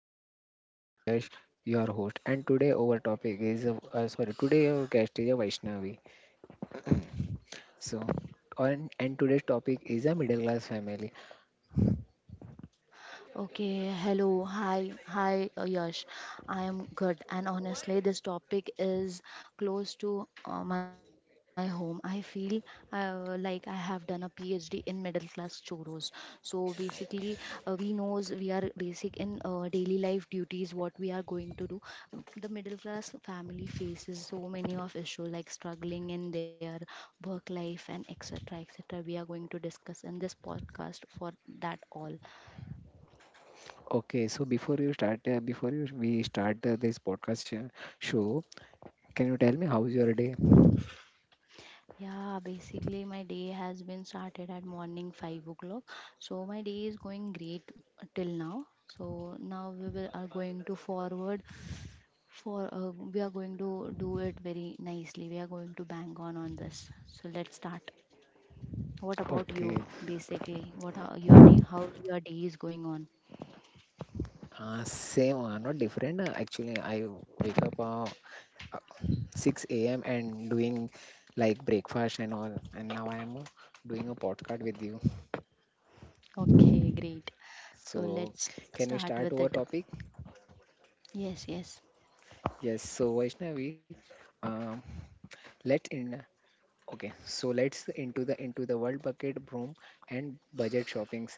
to the my channel. I am Yash, your host, and today our topic is sorry, today our guest is a Vaishnavi. So, on and today's topic is a middle class family. Okay, hello, hi, Yash. I am good, and honestly, this topic is close to my home. I feel like I have done a PhD in middle class churros. So basically, we knows we are basic in daily life duties, what we are going to do. The middle class family faces so many of issue like struggling in their work life and etc. etc. We are going to discuss in this podcast for that all. Okay, so before you start, before you we start this podcast show, can you tell me how's your day? Yeah, basically my day has been started at morning 5 o'clock. So my day is going great till now. So now we will are going to forward for we are going to do it very nicely. We are going to bang on this. So let's start. What Okay, about you basically? What are your day how your day is going on? Same, not different. Actually, I wake up uh, 6 a.m. and doing like breakfast and all, and now I am doing a podcast with you. Okay, great. So, So let's can we start our start with topic? it. Yes, yes. Yes. So, Vaishnavi, um, let's in. Okay. So let's into the world bucket broom and budget shoppings.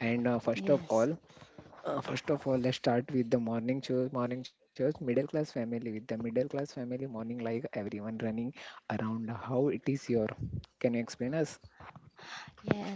And Yes. First of all, let's start with the morning church. Morning church, middle class family with the middle class family morning, like everyone running around. How it is your? Can you explain us?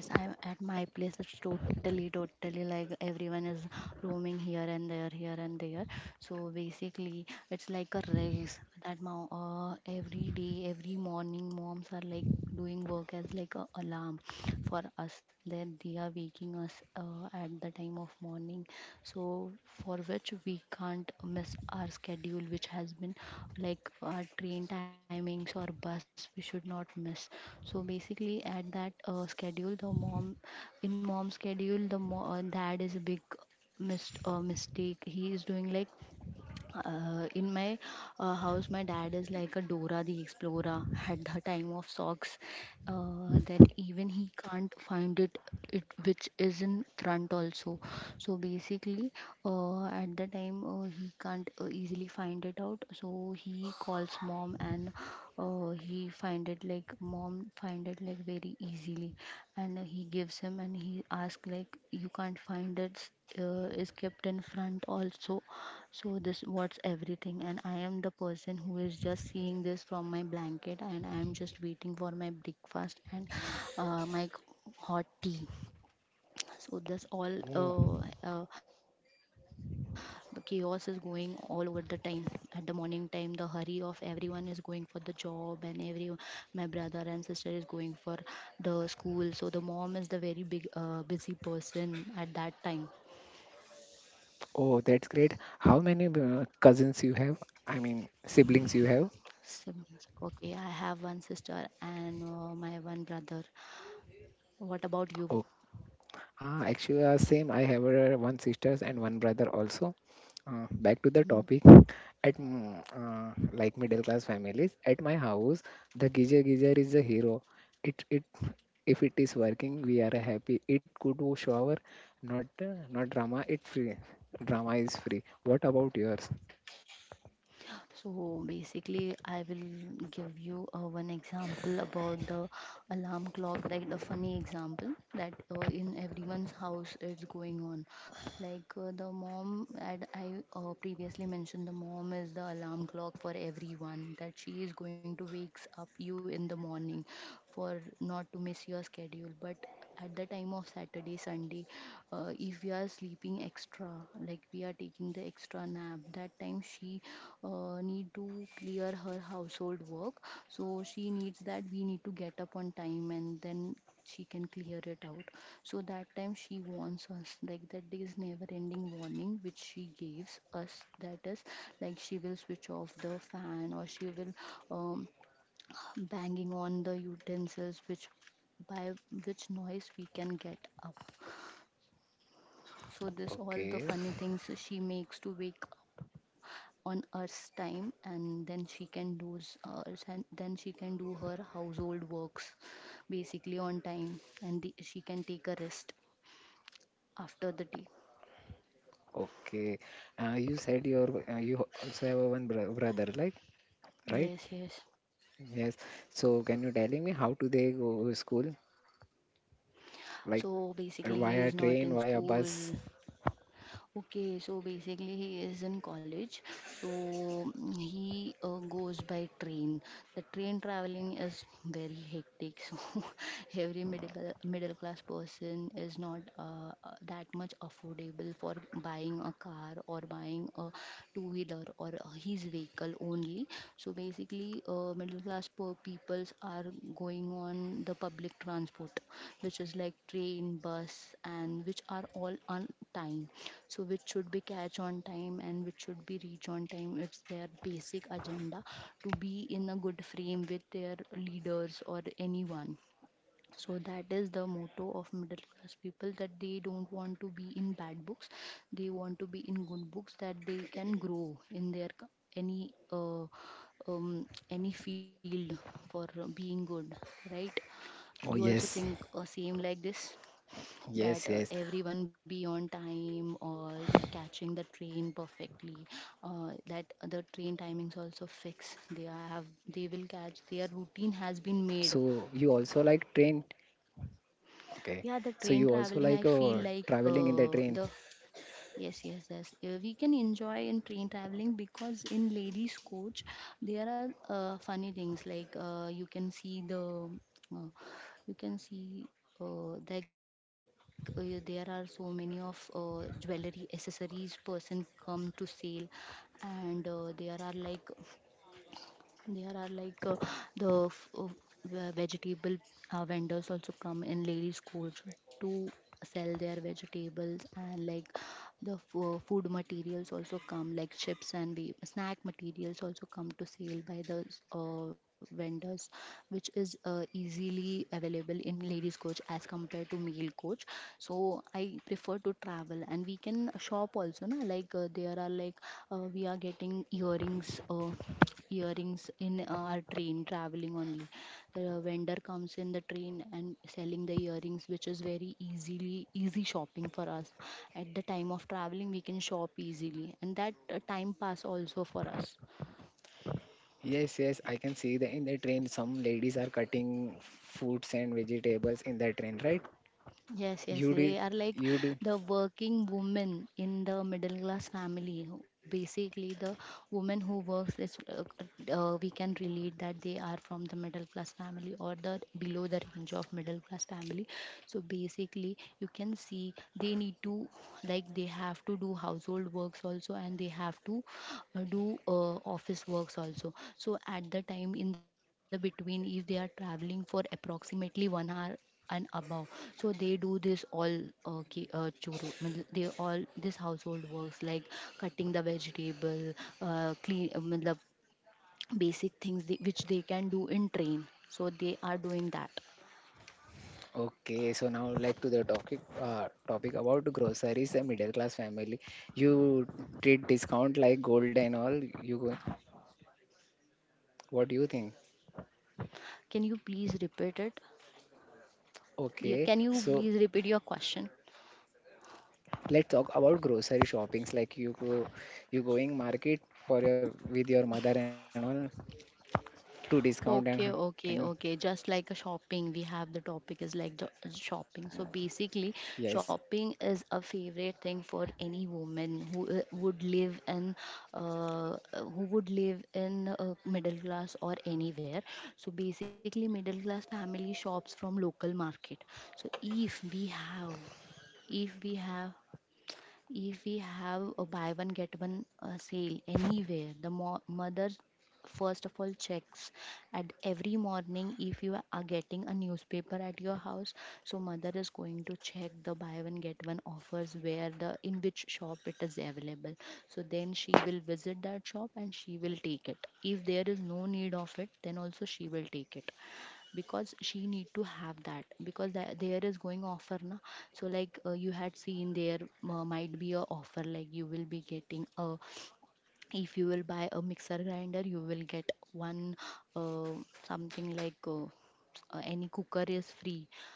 Yes, I'm at my place. It's totally like everyone is roaming here and there, here and there. So basically, it's like a race that mom, every day, every morning, moms are like doing work as like a alarm for us that they are waking us at the time of morning so for which we can't miss our schedule which has been like our train timings or bus we should not miss so basically at that schedule the mom in mom schedule the dad is a big mistake he is doing like in my house my dad is like a Dora the Explorer at the time of socks that even he can't find it it which is in front also so basically at the time he can't easily find it out so he calls mom and he find it like mom find it like very easily and he gives him and he asks like you can't find it is kept in front also so this what's everything and I am the person who is just seeing this from my blanket and I am just waiting for my breakfast and hot tea. So this Oh, all the chaos is going all over the time at the morning time the hurry of everyone is going for the job and every my brother and sister is going for the school so the mom is the very big busy person at that time. oh, that's great. How many cousins you have? I mean, siblings you have? Siblings. Okay, I have one sister and my one brother. What about you? Ah, actually, same. I have one sisters and one brother also. Back to the topic, Mm. Like middle class families, at my house, the geyser is the hero. It if it is working, we are happy. It could wash shower, not drama. It free. Drama is free. What about yours? So basically, I will give you one example about the alarm clock, like the funny example that in everyone's house it's going on. Like the mom, and I previously mentioned, the mom is the alarm clock for everyone that she is going to wakes up you in the morning for not to miss your schedule. But at the time of Saturday, Sunday, if we are sleeping extra like we are taking the extra nap that time she need to clear her household work so she needs that we need to get up on time and then she can clear it out so that time she warns us like that there is never ending warning which she gives us that is like she will switch off the fan or she will um, banging on the utensils which by which noise we can get up so this Okay, all the funny things she makes to wake on Earth's time, and then she can and then she can do her household works basically on time, and the, she can take a rest after the day. okay. You said you also have a one brother, like right? Yes, yes. Yes. So can you telling me how do they go to school? Like So basically, via he is train, not via in bus. school. Okay, so basically he is in college. So mm, he goes by train. The train traveling is very hectic. So every middle class person is not that much affordable for buying a car or buying a two wheeler or his vehicle only mainly. So basically, middle class poor peoples are going on the public transport, which is like train, bus, and which are all on time. So which should be catch on time and which should be reach on time. It's their basic agenda to be in a good frame with their leaders or anyone so that is the motto of middle class people that they don't want to be in bad books they want to be in good books that they can grow in their any uh, any field for being good right Oh you also yes, think same like this yes, that yes. Everyone be on time or catching the train perfectly that the train timings also fix they have they will catch their So you routine has also been like made. train? Okay. So you also Yeah, like the train traveling, I traveling in the feel train? like the yes, yes, yes. We can enjoy in train traveling because in ladies' coach there are funny things like you can see the uh, you can see like there are so many of jewelry accessories person come to sale and there are like there are like the f- uh, vegetable vendors also come in ladies' coach to sell their vegetables and like the food materials also come like chips and snack materials also come to sale by the vendors which is easily available in ladies coach as compared to male coach much so I prefer to travel and we can shop also na like there are like we are getting earrings in our train traveling only the vendor comes in the train and selling the earrings which is very easily easy shopping for us at the time of traveling we can shop easily and that time pass also for us. Yes, yes. I can see that in the train, some ladies are cutting fruits and vegetables in the train, right? You Yes, do, yes, they are you like do. the working woman in the middle class family. Who- Basically, the woman who works is, we can relate that they are from the middle class family or the below the range of middle class family. So basically, you can see they need to like they have to do household works also, and they have to do office works also. So at the time in the between, if they are traveling for approximately 1 hour and above. So they do this all churu. Matlab They all this household works like cutting the vegetable, matlab basic things they, which they can do in train. So they are doing that. Okay. So now, like to the topic, about groceries and middle class family. You treat discount like gold and all. You, what do you think? Can you please repeat it? Okay, Yeah, can you so please repeat your question? let's talk about grocery shoppings, like you going market, for your with your mother and all, to discount and can you, Okay, okay, okay. Just like a shopping, we have the topic is like shopping. So basically, yes, shopping is a favorite thing for any woman who would live in, who would live in middle class or anywhere. So basically, middle class family shops from local market. So if we have, if we have if we have a buy one get one sale anywhere, the mother first of all checks at every morning if you are getting a newspaper at your house so mother is going to check the buy one get one offers where the in which shop it is available so then she will visit that shop and she will take it if there is no need of it then also she will take it because she need to have that because that there is going offer na so like you had seen there might be a offer like you will be getting a if you will buy a mixer grinder you will get one uh, something like any cooker is free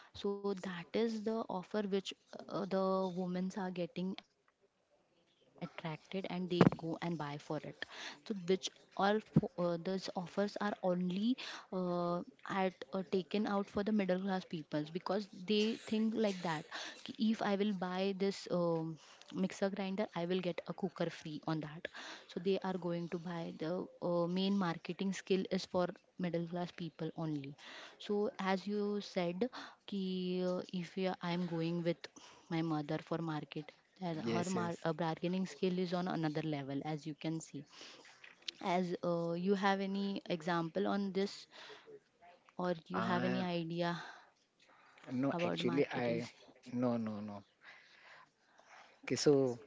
so that is the offer which the women are getting attracted and they go and buy for it so which those offers are only uh, at taken out for the middle class peoples because they think like that कि if I will buy this mixer grinder I will get a cooker free on that so they are going to buy the main marketing skill is for middle class people only so as you said, कि if we I'm going with my mother for market, then yes, her yes. mar bargaining skill is on another level, as you can see. As you have any example on this, or you uh have any idea no actually, about I, marketing? no, no, no. Okay, so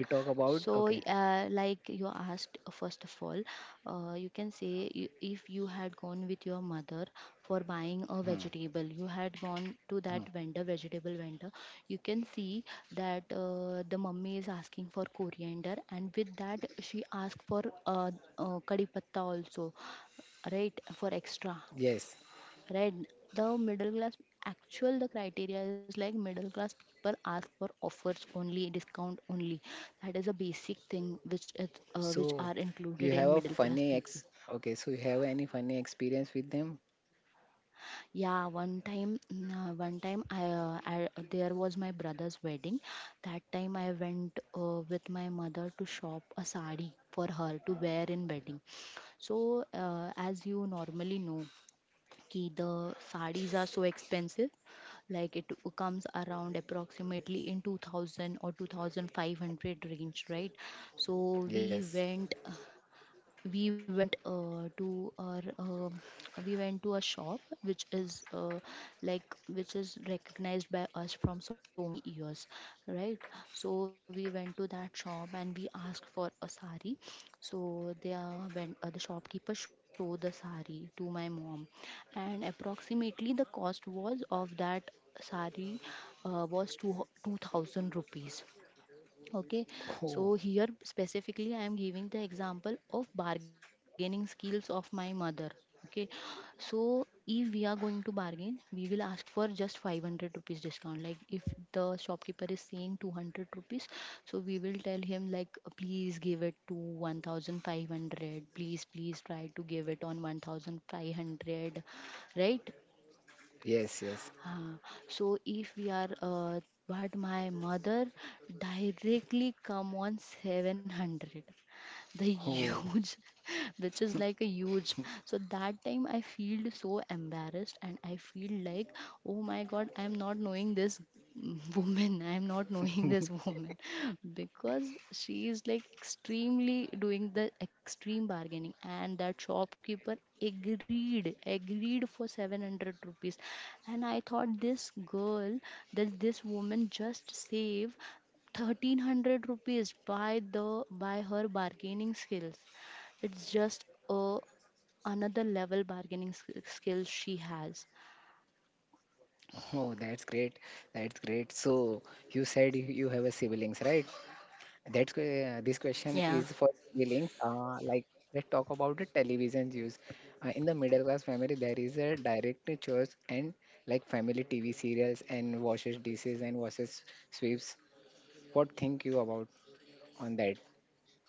we talk about. So, Okay. Like you asked, first of all, you can say if you had gone with your mother for Hmm, buying a vegetable, you had gone hmm, to that vendor, vegetable vendor, you can see that the mummy is asking for coriander, and with that, she asked for kadi patta also, right, for extra yes. right. The middle class, actual the criteria is like middle class people ask for offers only, discount only. That is a basic thing which is So which are you have included a in middle funny class ex people. okay, so you have any funny experience with them? Yeah, one time I there was my brother's wedding. That time I went with my mother to shop a sari for her to wear in wedding. So as you normally know कि the sarees are so expensive, like it comes around approximately in 2000 or 2500 range, right? So Yes. we went to our we went to a shop which is like which is recognized by us from so many years, right. So we went to that shop and we asked for a sari. So they went the shopkeeper showed the sari to my mom, and approximately the cost was of that sari uh, was two, 2000 rupees, okay. So Oh here specifically I am giving the example of bargaining skills of my mother, okay. So if we are going to bargain, we will ask for just 500 rupees discount, like if the shopkeeper is saying 200 rupees, so we will tell him like, please give it to 1500, please please try to give it on 1500, right. yes, yes. uh, so if but my mother directly come on 700, the oh huge. Which is like a huge. So that time I feel so embarrassed and I feel like, oh my god, I am not knowing this woman, I am not knowing this woman. Because she is like extremely doing the extreme bargaining, and that shopkeeper agreed for 700 rupees. And I thought this girl, that this woman just save 1300 rupees by the by her bargaining skills. It's just a another level bargaining skills she has. oh, that's great, that's great. So you said you have a siblings, right? That's Yeah. this question is for feelings. Links. Like, let's talk about the television use. In the middle class family, there is a direct choice and like family TV serials and washes dishes and washes sweeps. What think you about on that?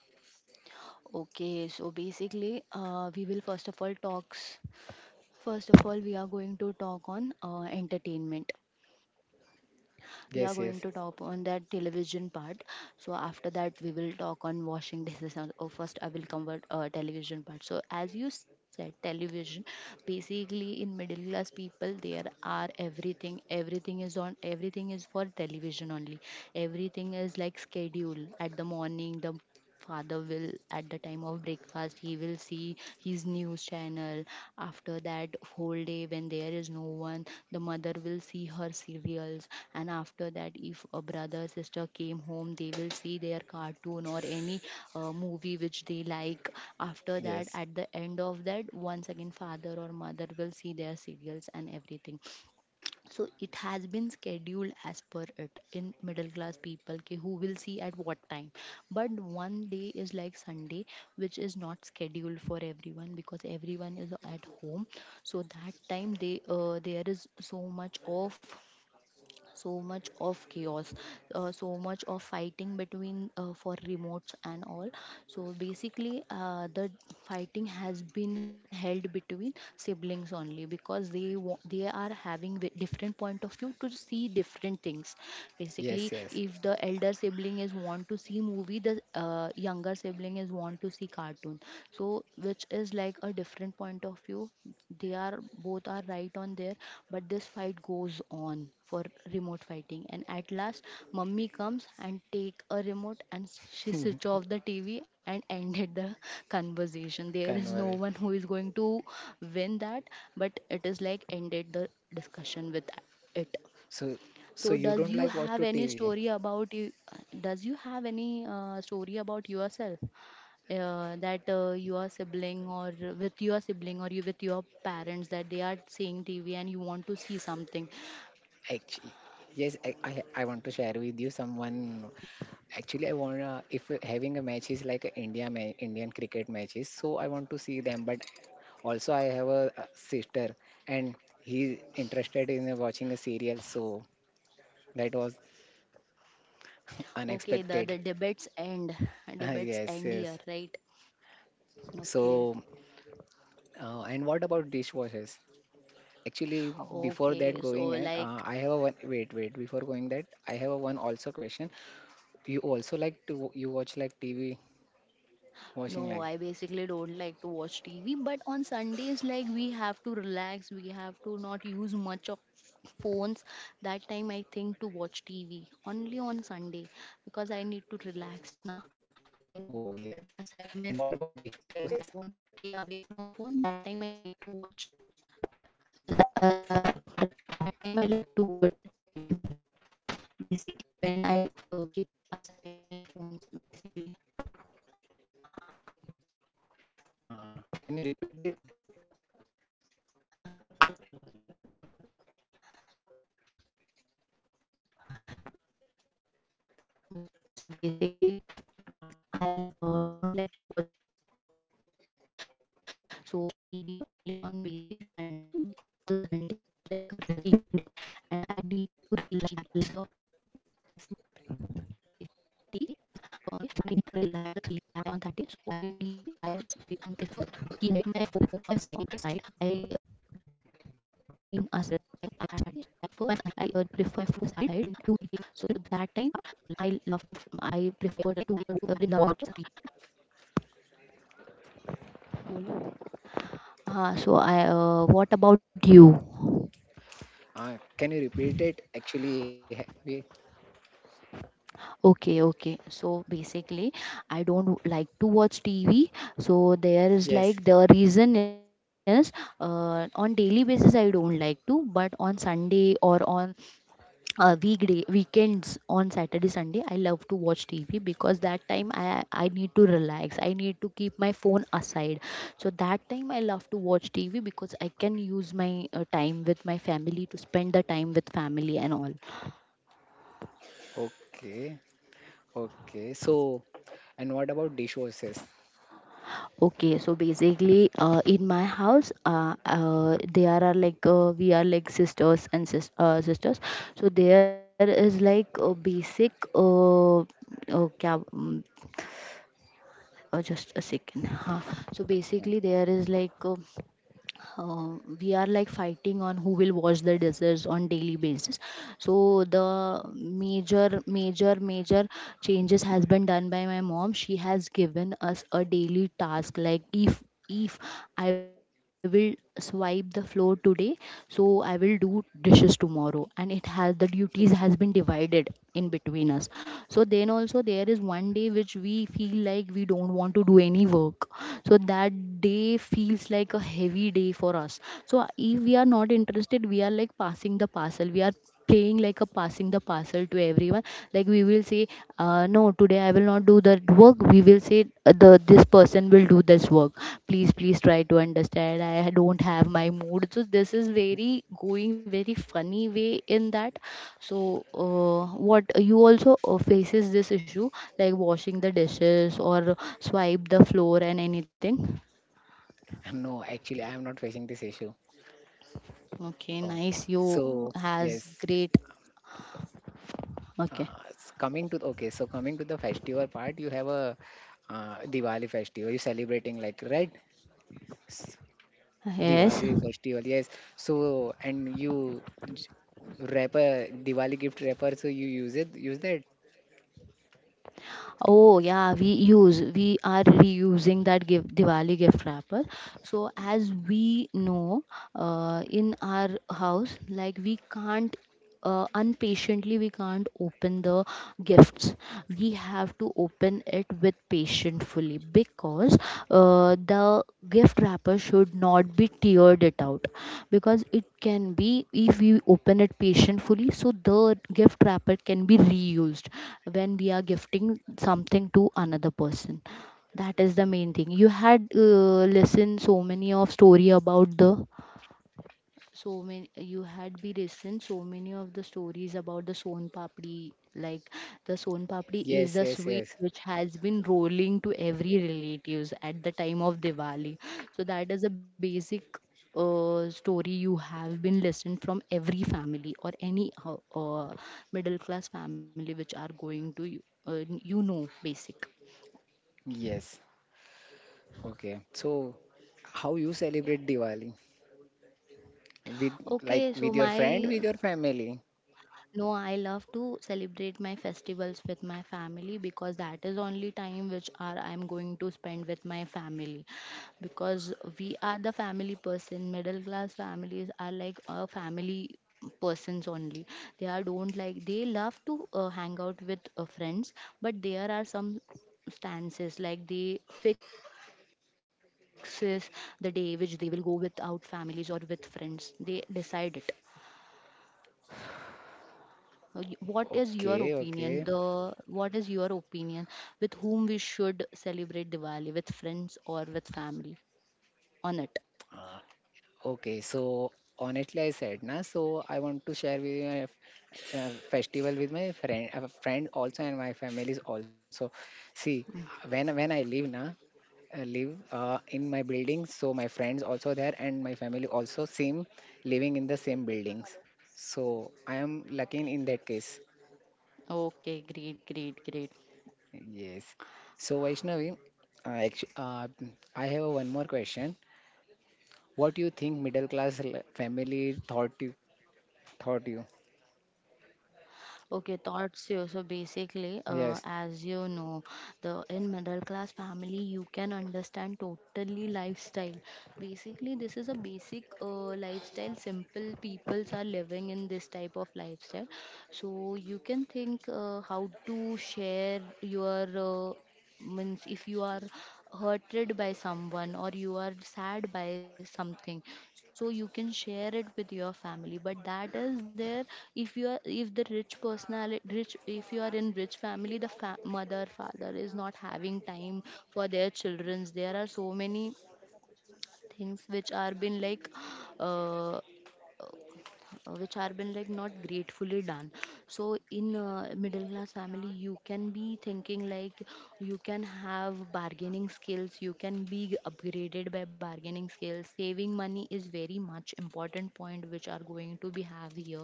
Okay, so basically, we will first of all talks. First of all, we are going to talk on entertainment. We are Yes, going to yes, talk on that television part. So after that, we will talk on washing dishes. Oh, first, I will cover television part. So as you said, television. Basically, in middle class people, there are everything. Everything is on. Everything is for television only. Everything is like schedule at the morning, the father will at the time of breakfast he will see his news channel. After that, whole day when there is no one, the mother will see her serials. And after that, if a brother sister came home, they will see their cartoon or any movie which they like. After yes, that, at the end of that, once again father or mother will see their serials and everything. So it has been scheduled as per it in middle class people ki who will see at what time. But one day is like Sunday, which is not scheduled for everyone because everyone is at home. So that time they there is so much of so much of chaos, so much of fighting between for remotes and all. So basically the fighting has been held between siblings only, because they they are having different point of view to see different things. yes, Basically, yes. if the elder sibling is want to see movie, the younger sibling is want to see cartoon. So which is like a different point of view, they are both are right on there. But this fight goes on for remote fighting, and at last mummy comes and take a remote, and she switch off the TV and ended the conversation. There is no Convert. one who is going to win that, but it is like ended the discussion with it. So, so, So you don't does like you watch to have any TV? story about you, does you have any story about yourself, that your sibling or with your sibling, or you with your parents, that they are seeing TV and you want to see something. Actually, yes. I want to share with you someone. Actually, I wanna if having a match is like a India Indian cricket matches, so I want to see them. But also, I have a sister, and he's interested in watching a serial, so that was Okay, the unexpected. the debates end. Debates Yes, end yes. here, right? Okay. So, and what about dishwashers? Actually, before that Okay, so going, and like. I have a one. Wait, wait. Before going that, I have a one also question. You also like to, you watch like TV watching, like. No, I basically don't like to watch TV, but on Sundays, like we have to relax, we have to not use much of phones. That time, I think to watch TV only on Sunday because I need to relax, na. I Oh need to yes. keep And aside what my about phone that dishwashers? time. I want to stay away from phone. That time, I like to watch. l- Uh, at that time, I like to watch TV. Basically, when I keep aside my phones, basically. Can you repeat it? Hello. Okay, so basically, Uh, I don't like to watch TV daily, so I watch TV only on basic Sunday because the Sunday is like a rest day, and I need to relax. I need to relax on that day, so I prefer to keep my phone aside. I need to prefer my phone aside, so that time I prefer to watch, I prefer to watch TV. So I what about you? Can you repeat it? Actually, we, Okay, okay. So basically, I don't w- like to watch TV. So there is yes. like the reason is on daily basis I don't like to, but on Sunday or on weekday weekends on Saturday Sunday I love to watch TV because that time I need to relax. I need to keep my phone aside. So that time I love to watch TV because I can use my time with my family to spend the time with family and all. Okay. Okay. So, and what about dishwashers? Okay, so basically, in my house, there are like we are like sisters and sisters. So there is like a basic uh, kya, um, just a second. Huh. So Mm. basically, there is like. Uh, we are like fighting on who will wash the dishes on daily basis. So the major changes has been done by my mom. She has given us a daily task, like if I will swipe the floor today, so I will do dishes tomorrow. And it has, the duties has been divided in between us. So then also there is one day which we feel like we don't want to do any work. So that day feels like a heavy day for us. So if we are not interested, we are like passing the parcel, we are playing like a passing the parcel to everyone. Like we will say, no, today I will not do that work. We will say the this person will do this work, please please try to understand, I don't have my mood. So this is very going very funny way in that. So what, you also faces this issue, like washing the dishes or swipe the floor and anything? No, actually, I am not facing this issue. Okay, Okay. nice. You So, has yes. great. Okay. S- coming to okay. So, coming to the festival part, you have a Diwali festival. You celebrating, like, right? Yes. Diwali festival. Yes. So, and you wrapper Diwali gift wrapper. So you use it. Use that. Oh yeah, we use we are reusing that give Diwali gift wrapper. So as we know, in our house, like we can't unpatiently we can't open the gifts. We have to open it with patient fully because the gift wrapper should not be teared it out, because it can be, if we open it patiently, so the gift wrapper can be reused when we are gifting something to another person. That is the main thing. You had listened so many of story about the so many you had be listened so many of the stories about the son papdi. Like the son papdi Yes. Yes. is the Yes. sweet which has been rolling to every relatives at the time of Diwali. So that is a basic story you have been listened from every family or any middle class family, which are going to you, you know, basic. Yes. Okay. So how you celebrate Diwali? With Okay like so with your my. friend, with your family? No, I love to celebrate my festivals with my family, because that is only time which are I'm going to spend with my family, because we are the family person. Middle class families are like a family persons only. They are don't like, they love to hang out with friends, but there are some stances like they fixes the day which they will go without families or with friends, they decide it. What is your Okay, opinion? The okay. What is your opinion, with whom we should celebrate Diwali, with friends or with family, on it? Uh, okay, so, honestly, I said na, so I want to share with you a festival with my friend, a friend also, and my family is also. See, when I live na, I live in my building, so my friends also there and my family also same, living in the same buildings. So I am lucky in that case. Okay, great, great, great. Yes. So Vaishnavi, uh, actu- uh, I have one more question. What do you think middle class family thought you? Okay, thoughts here. So basically, Yes. as you know, the in middle class family, you can understand totally lifestyle. Basically, this is a basic lifestyle. Simple peoples are living in this type of lifestyle. So you can think how to share your means if you are hurted by someone or you are sad by something, so you can share it with your family, but that is there. If you are, if the rich personality rich, if you are in rich family, the mother father is not having time for their childrens. There are so many things which are been like uh, which are been like not gratefully done. So in middle class family, you can be thinking like you can have bargaining skills, you can be upgraded by bargaining skills. Saving money is very much important point which are going to be have here.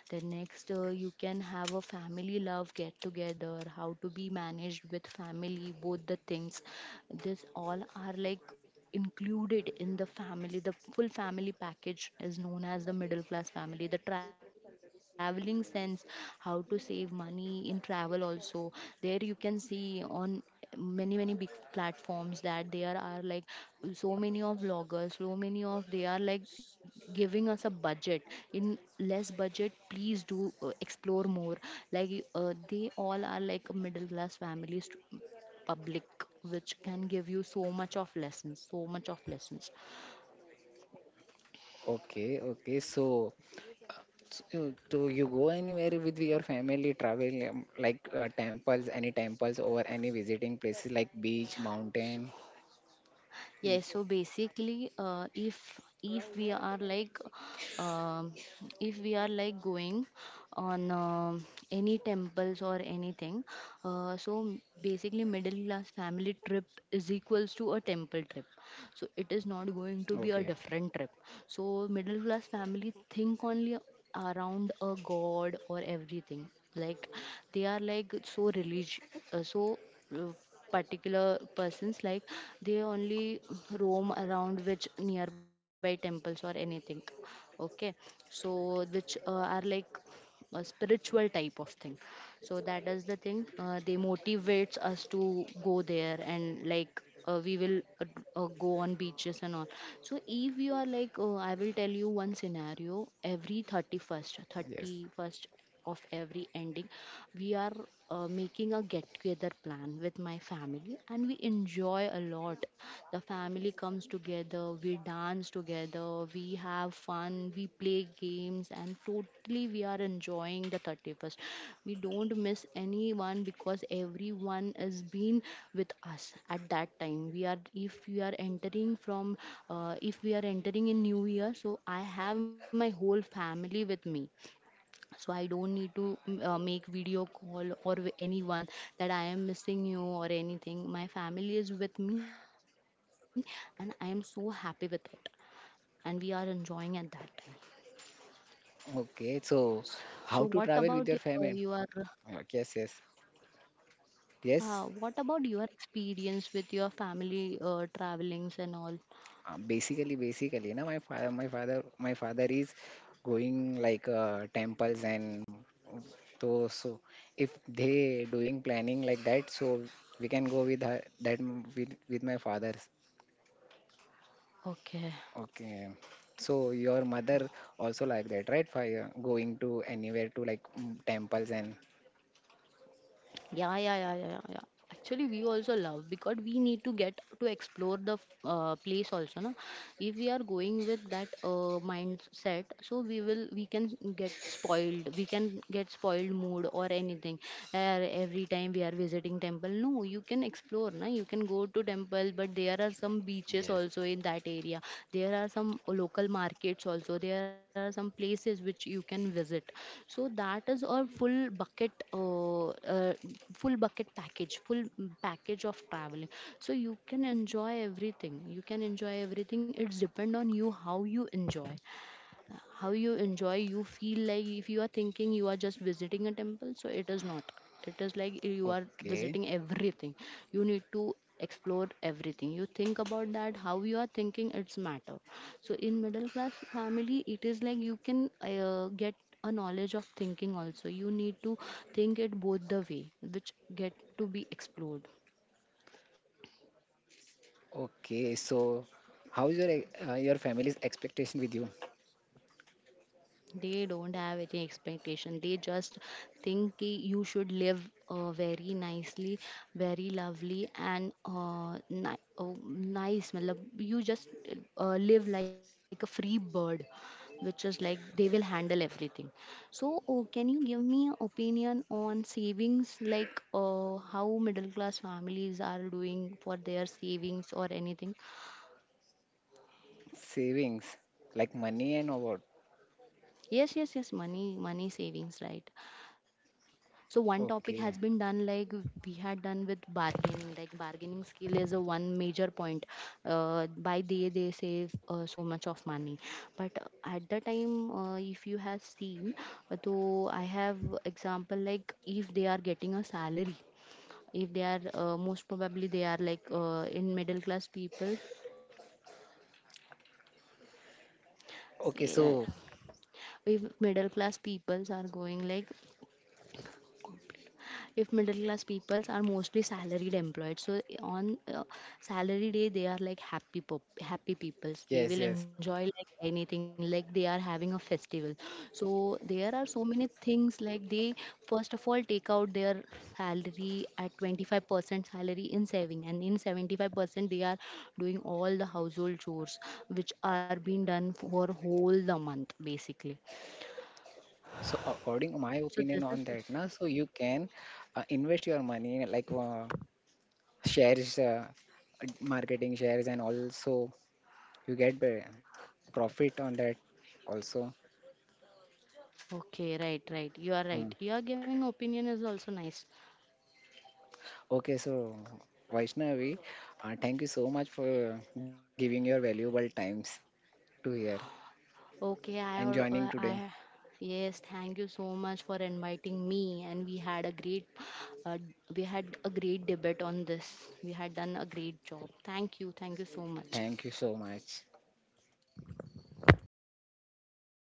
Then next, you can have a family love get together, how to be managed with family both the things. This all are like included in the family. The full family package is known as the middle class family. The traveling sense, how to save money in travel also. There you can see on many many big platforms that there are like so many of vloggers, so many of they are like giving us a budget. In less budget, please do explore more. Like they all are like a middle class families public, which can give you so much of lessons, so much of lessons. Okay. Okay. So, do you go anywhere with your family? Travel like temples, any temples or any visiting places like beach, mountain? Yeah, Y- so basically, if we are like, um, if we are like going on, any temples or anything. So basically middle class family trip is equals to a temple trip. So it is not going Okay. to be a different trip. So middle class family think only around a god or everything, like they are like so religious. uh, so uh, Particular persons like, they only roam around which nearby temples or anything. Okay, so which are like a spiritual type of thing. So that is the thing, they motivates us to go there. And like, we will go on beaches and all. So if you are like, I will tell you one scenario. Every 31st, Yes. 31st of every ending, we are, making a get together plan with my family and we enjoy a lot. The family comes together, we dance together, we have fun, we play games, and totally we are enjoying the 31st. We don't miss anyone because everyone has been with us at that time. If we are entering from, if we are entering in New Year, so I have my whole family with me. So I don't need to make video call or with anyone, that I am missing you or anything. My family is with me and I am so happy with it and we are enjoying at that time. so, Okay. so So, what about how to your, travel with your your family? Yes. Yes. uh, what Yes. about your experience with your family travelings and all? Basically, na, my father is going like temples and So. If they doing planning like that, so we can go with her, that with my father's. Okay. Okay. So your mother also like that, right? For going to anywhere to, like, temples and Yeah, yeah, yeah, yeah, yeah, yeah. Actually, we also love because we need to get to explore the place also, na. If we are going with that mindset, so we will, we can get spoiled. We can get spoiled mood or anything. Every time we are visiting temple, no, you can explore, na. You can go to temple, but there are some yes. beaches also in that area. There are some local markets also. There are some places which you can visit. So that is a full bucket package, full, package of traveling. So you can enjoy everything. You can enjoy everything. It's depend on you how you enjoy, how you enjoy. You feel like, if you are thinking you are just visiting a temple, so it is not, it is like you are visiting Okay, everything. You need to explore everything. You think about that, how you are thinking, it's matter. So in middle class family, it is like you can get a knowledge of thinking also. You need to think it both the way which get to be explored. okay. So how's your your family's expectation with you? They don't have any expectation. They just think ki you should live very nicely, very lovely, and nice matlab, you just live like a free bird, which is like they will handle everything. So oh, can you give me an opinion on savings, like how middle class families are doing for their savings or anything? Savings, like money and or what? Yes, yes, yes, money, money savings, right. So Okay. one topic has been done, like we had done with bargaining. Like bargaining skill is a one major point, by they save so much of money. But at the time, if you have seen, though I have example, like if they are getting a salary, if they are, most probably they are like in middle class people. Okay, so Yeah. If middle class peoples are going like, if middle class peoples are mostly salaried employed, so on, salary day, they are like happy, happy peoples. They yes, will yes. enjoy like anything, like they are having a festival. So there are so many things, like they first of all take out their salary at 25% salary in saving, and in 75% they are doing all the household chores which are being done for whole the month basically. So according to my So this opinion is on that, na, so you can invest your money like shares, marketing shares, and also you get the profit on that also. Okay, right, right. You are right. Mm. Your giving opinion is also nice. Okay, so Vaishnavi, thank you so much for giving your valuable times to here Okay, and I heard. joining today. Yes, thank you so much for inviting me. And we had a great, uh, we had a great debate on this. We had done a great job. Thank you so much. Thank you so much.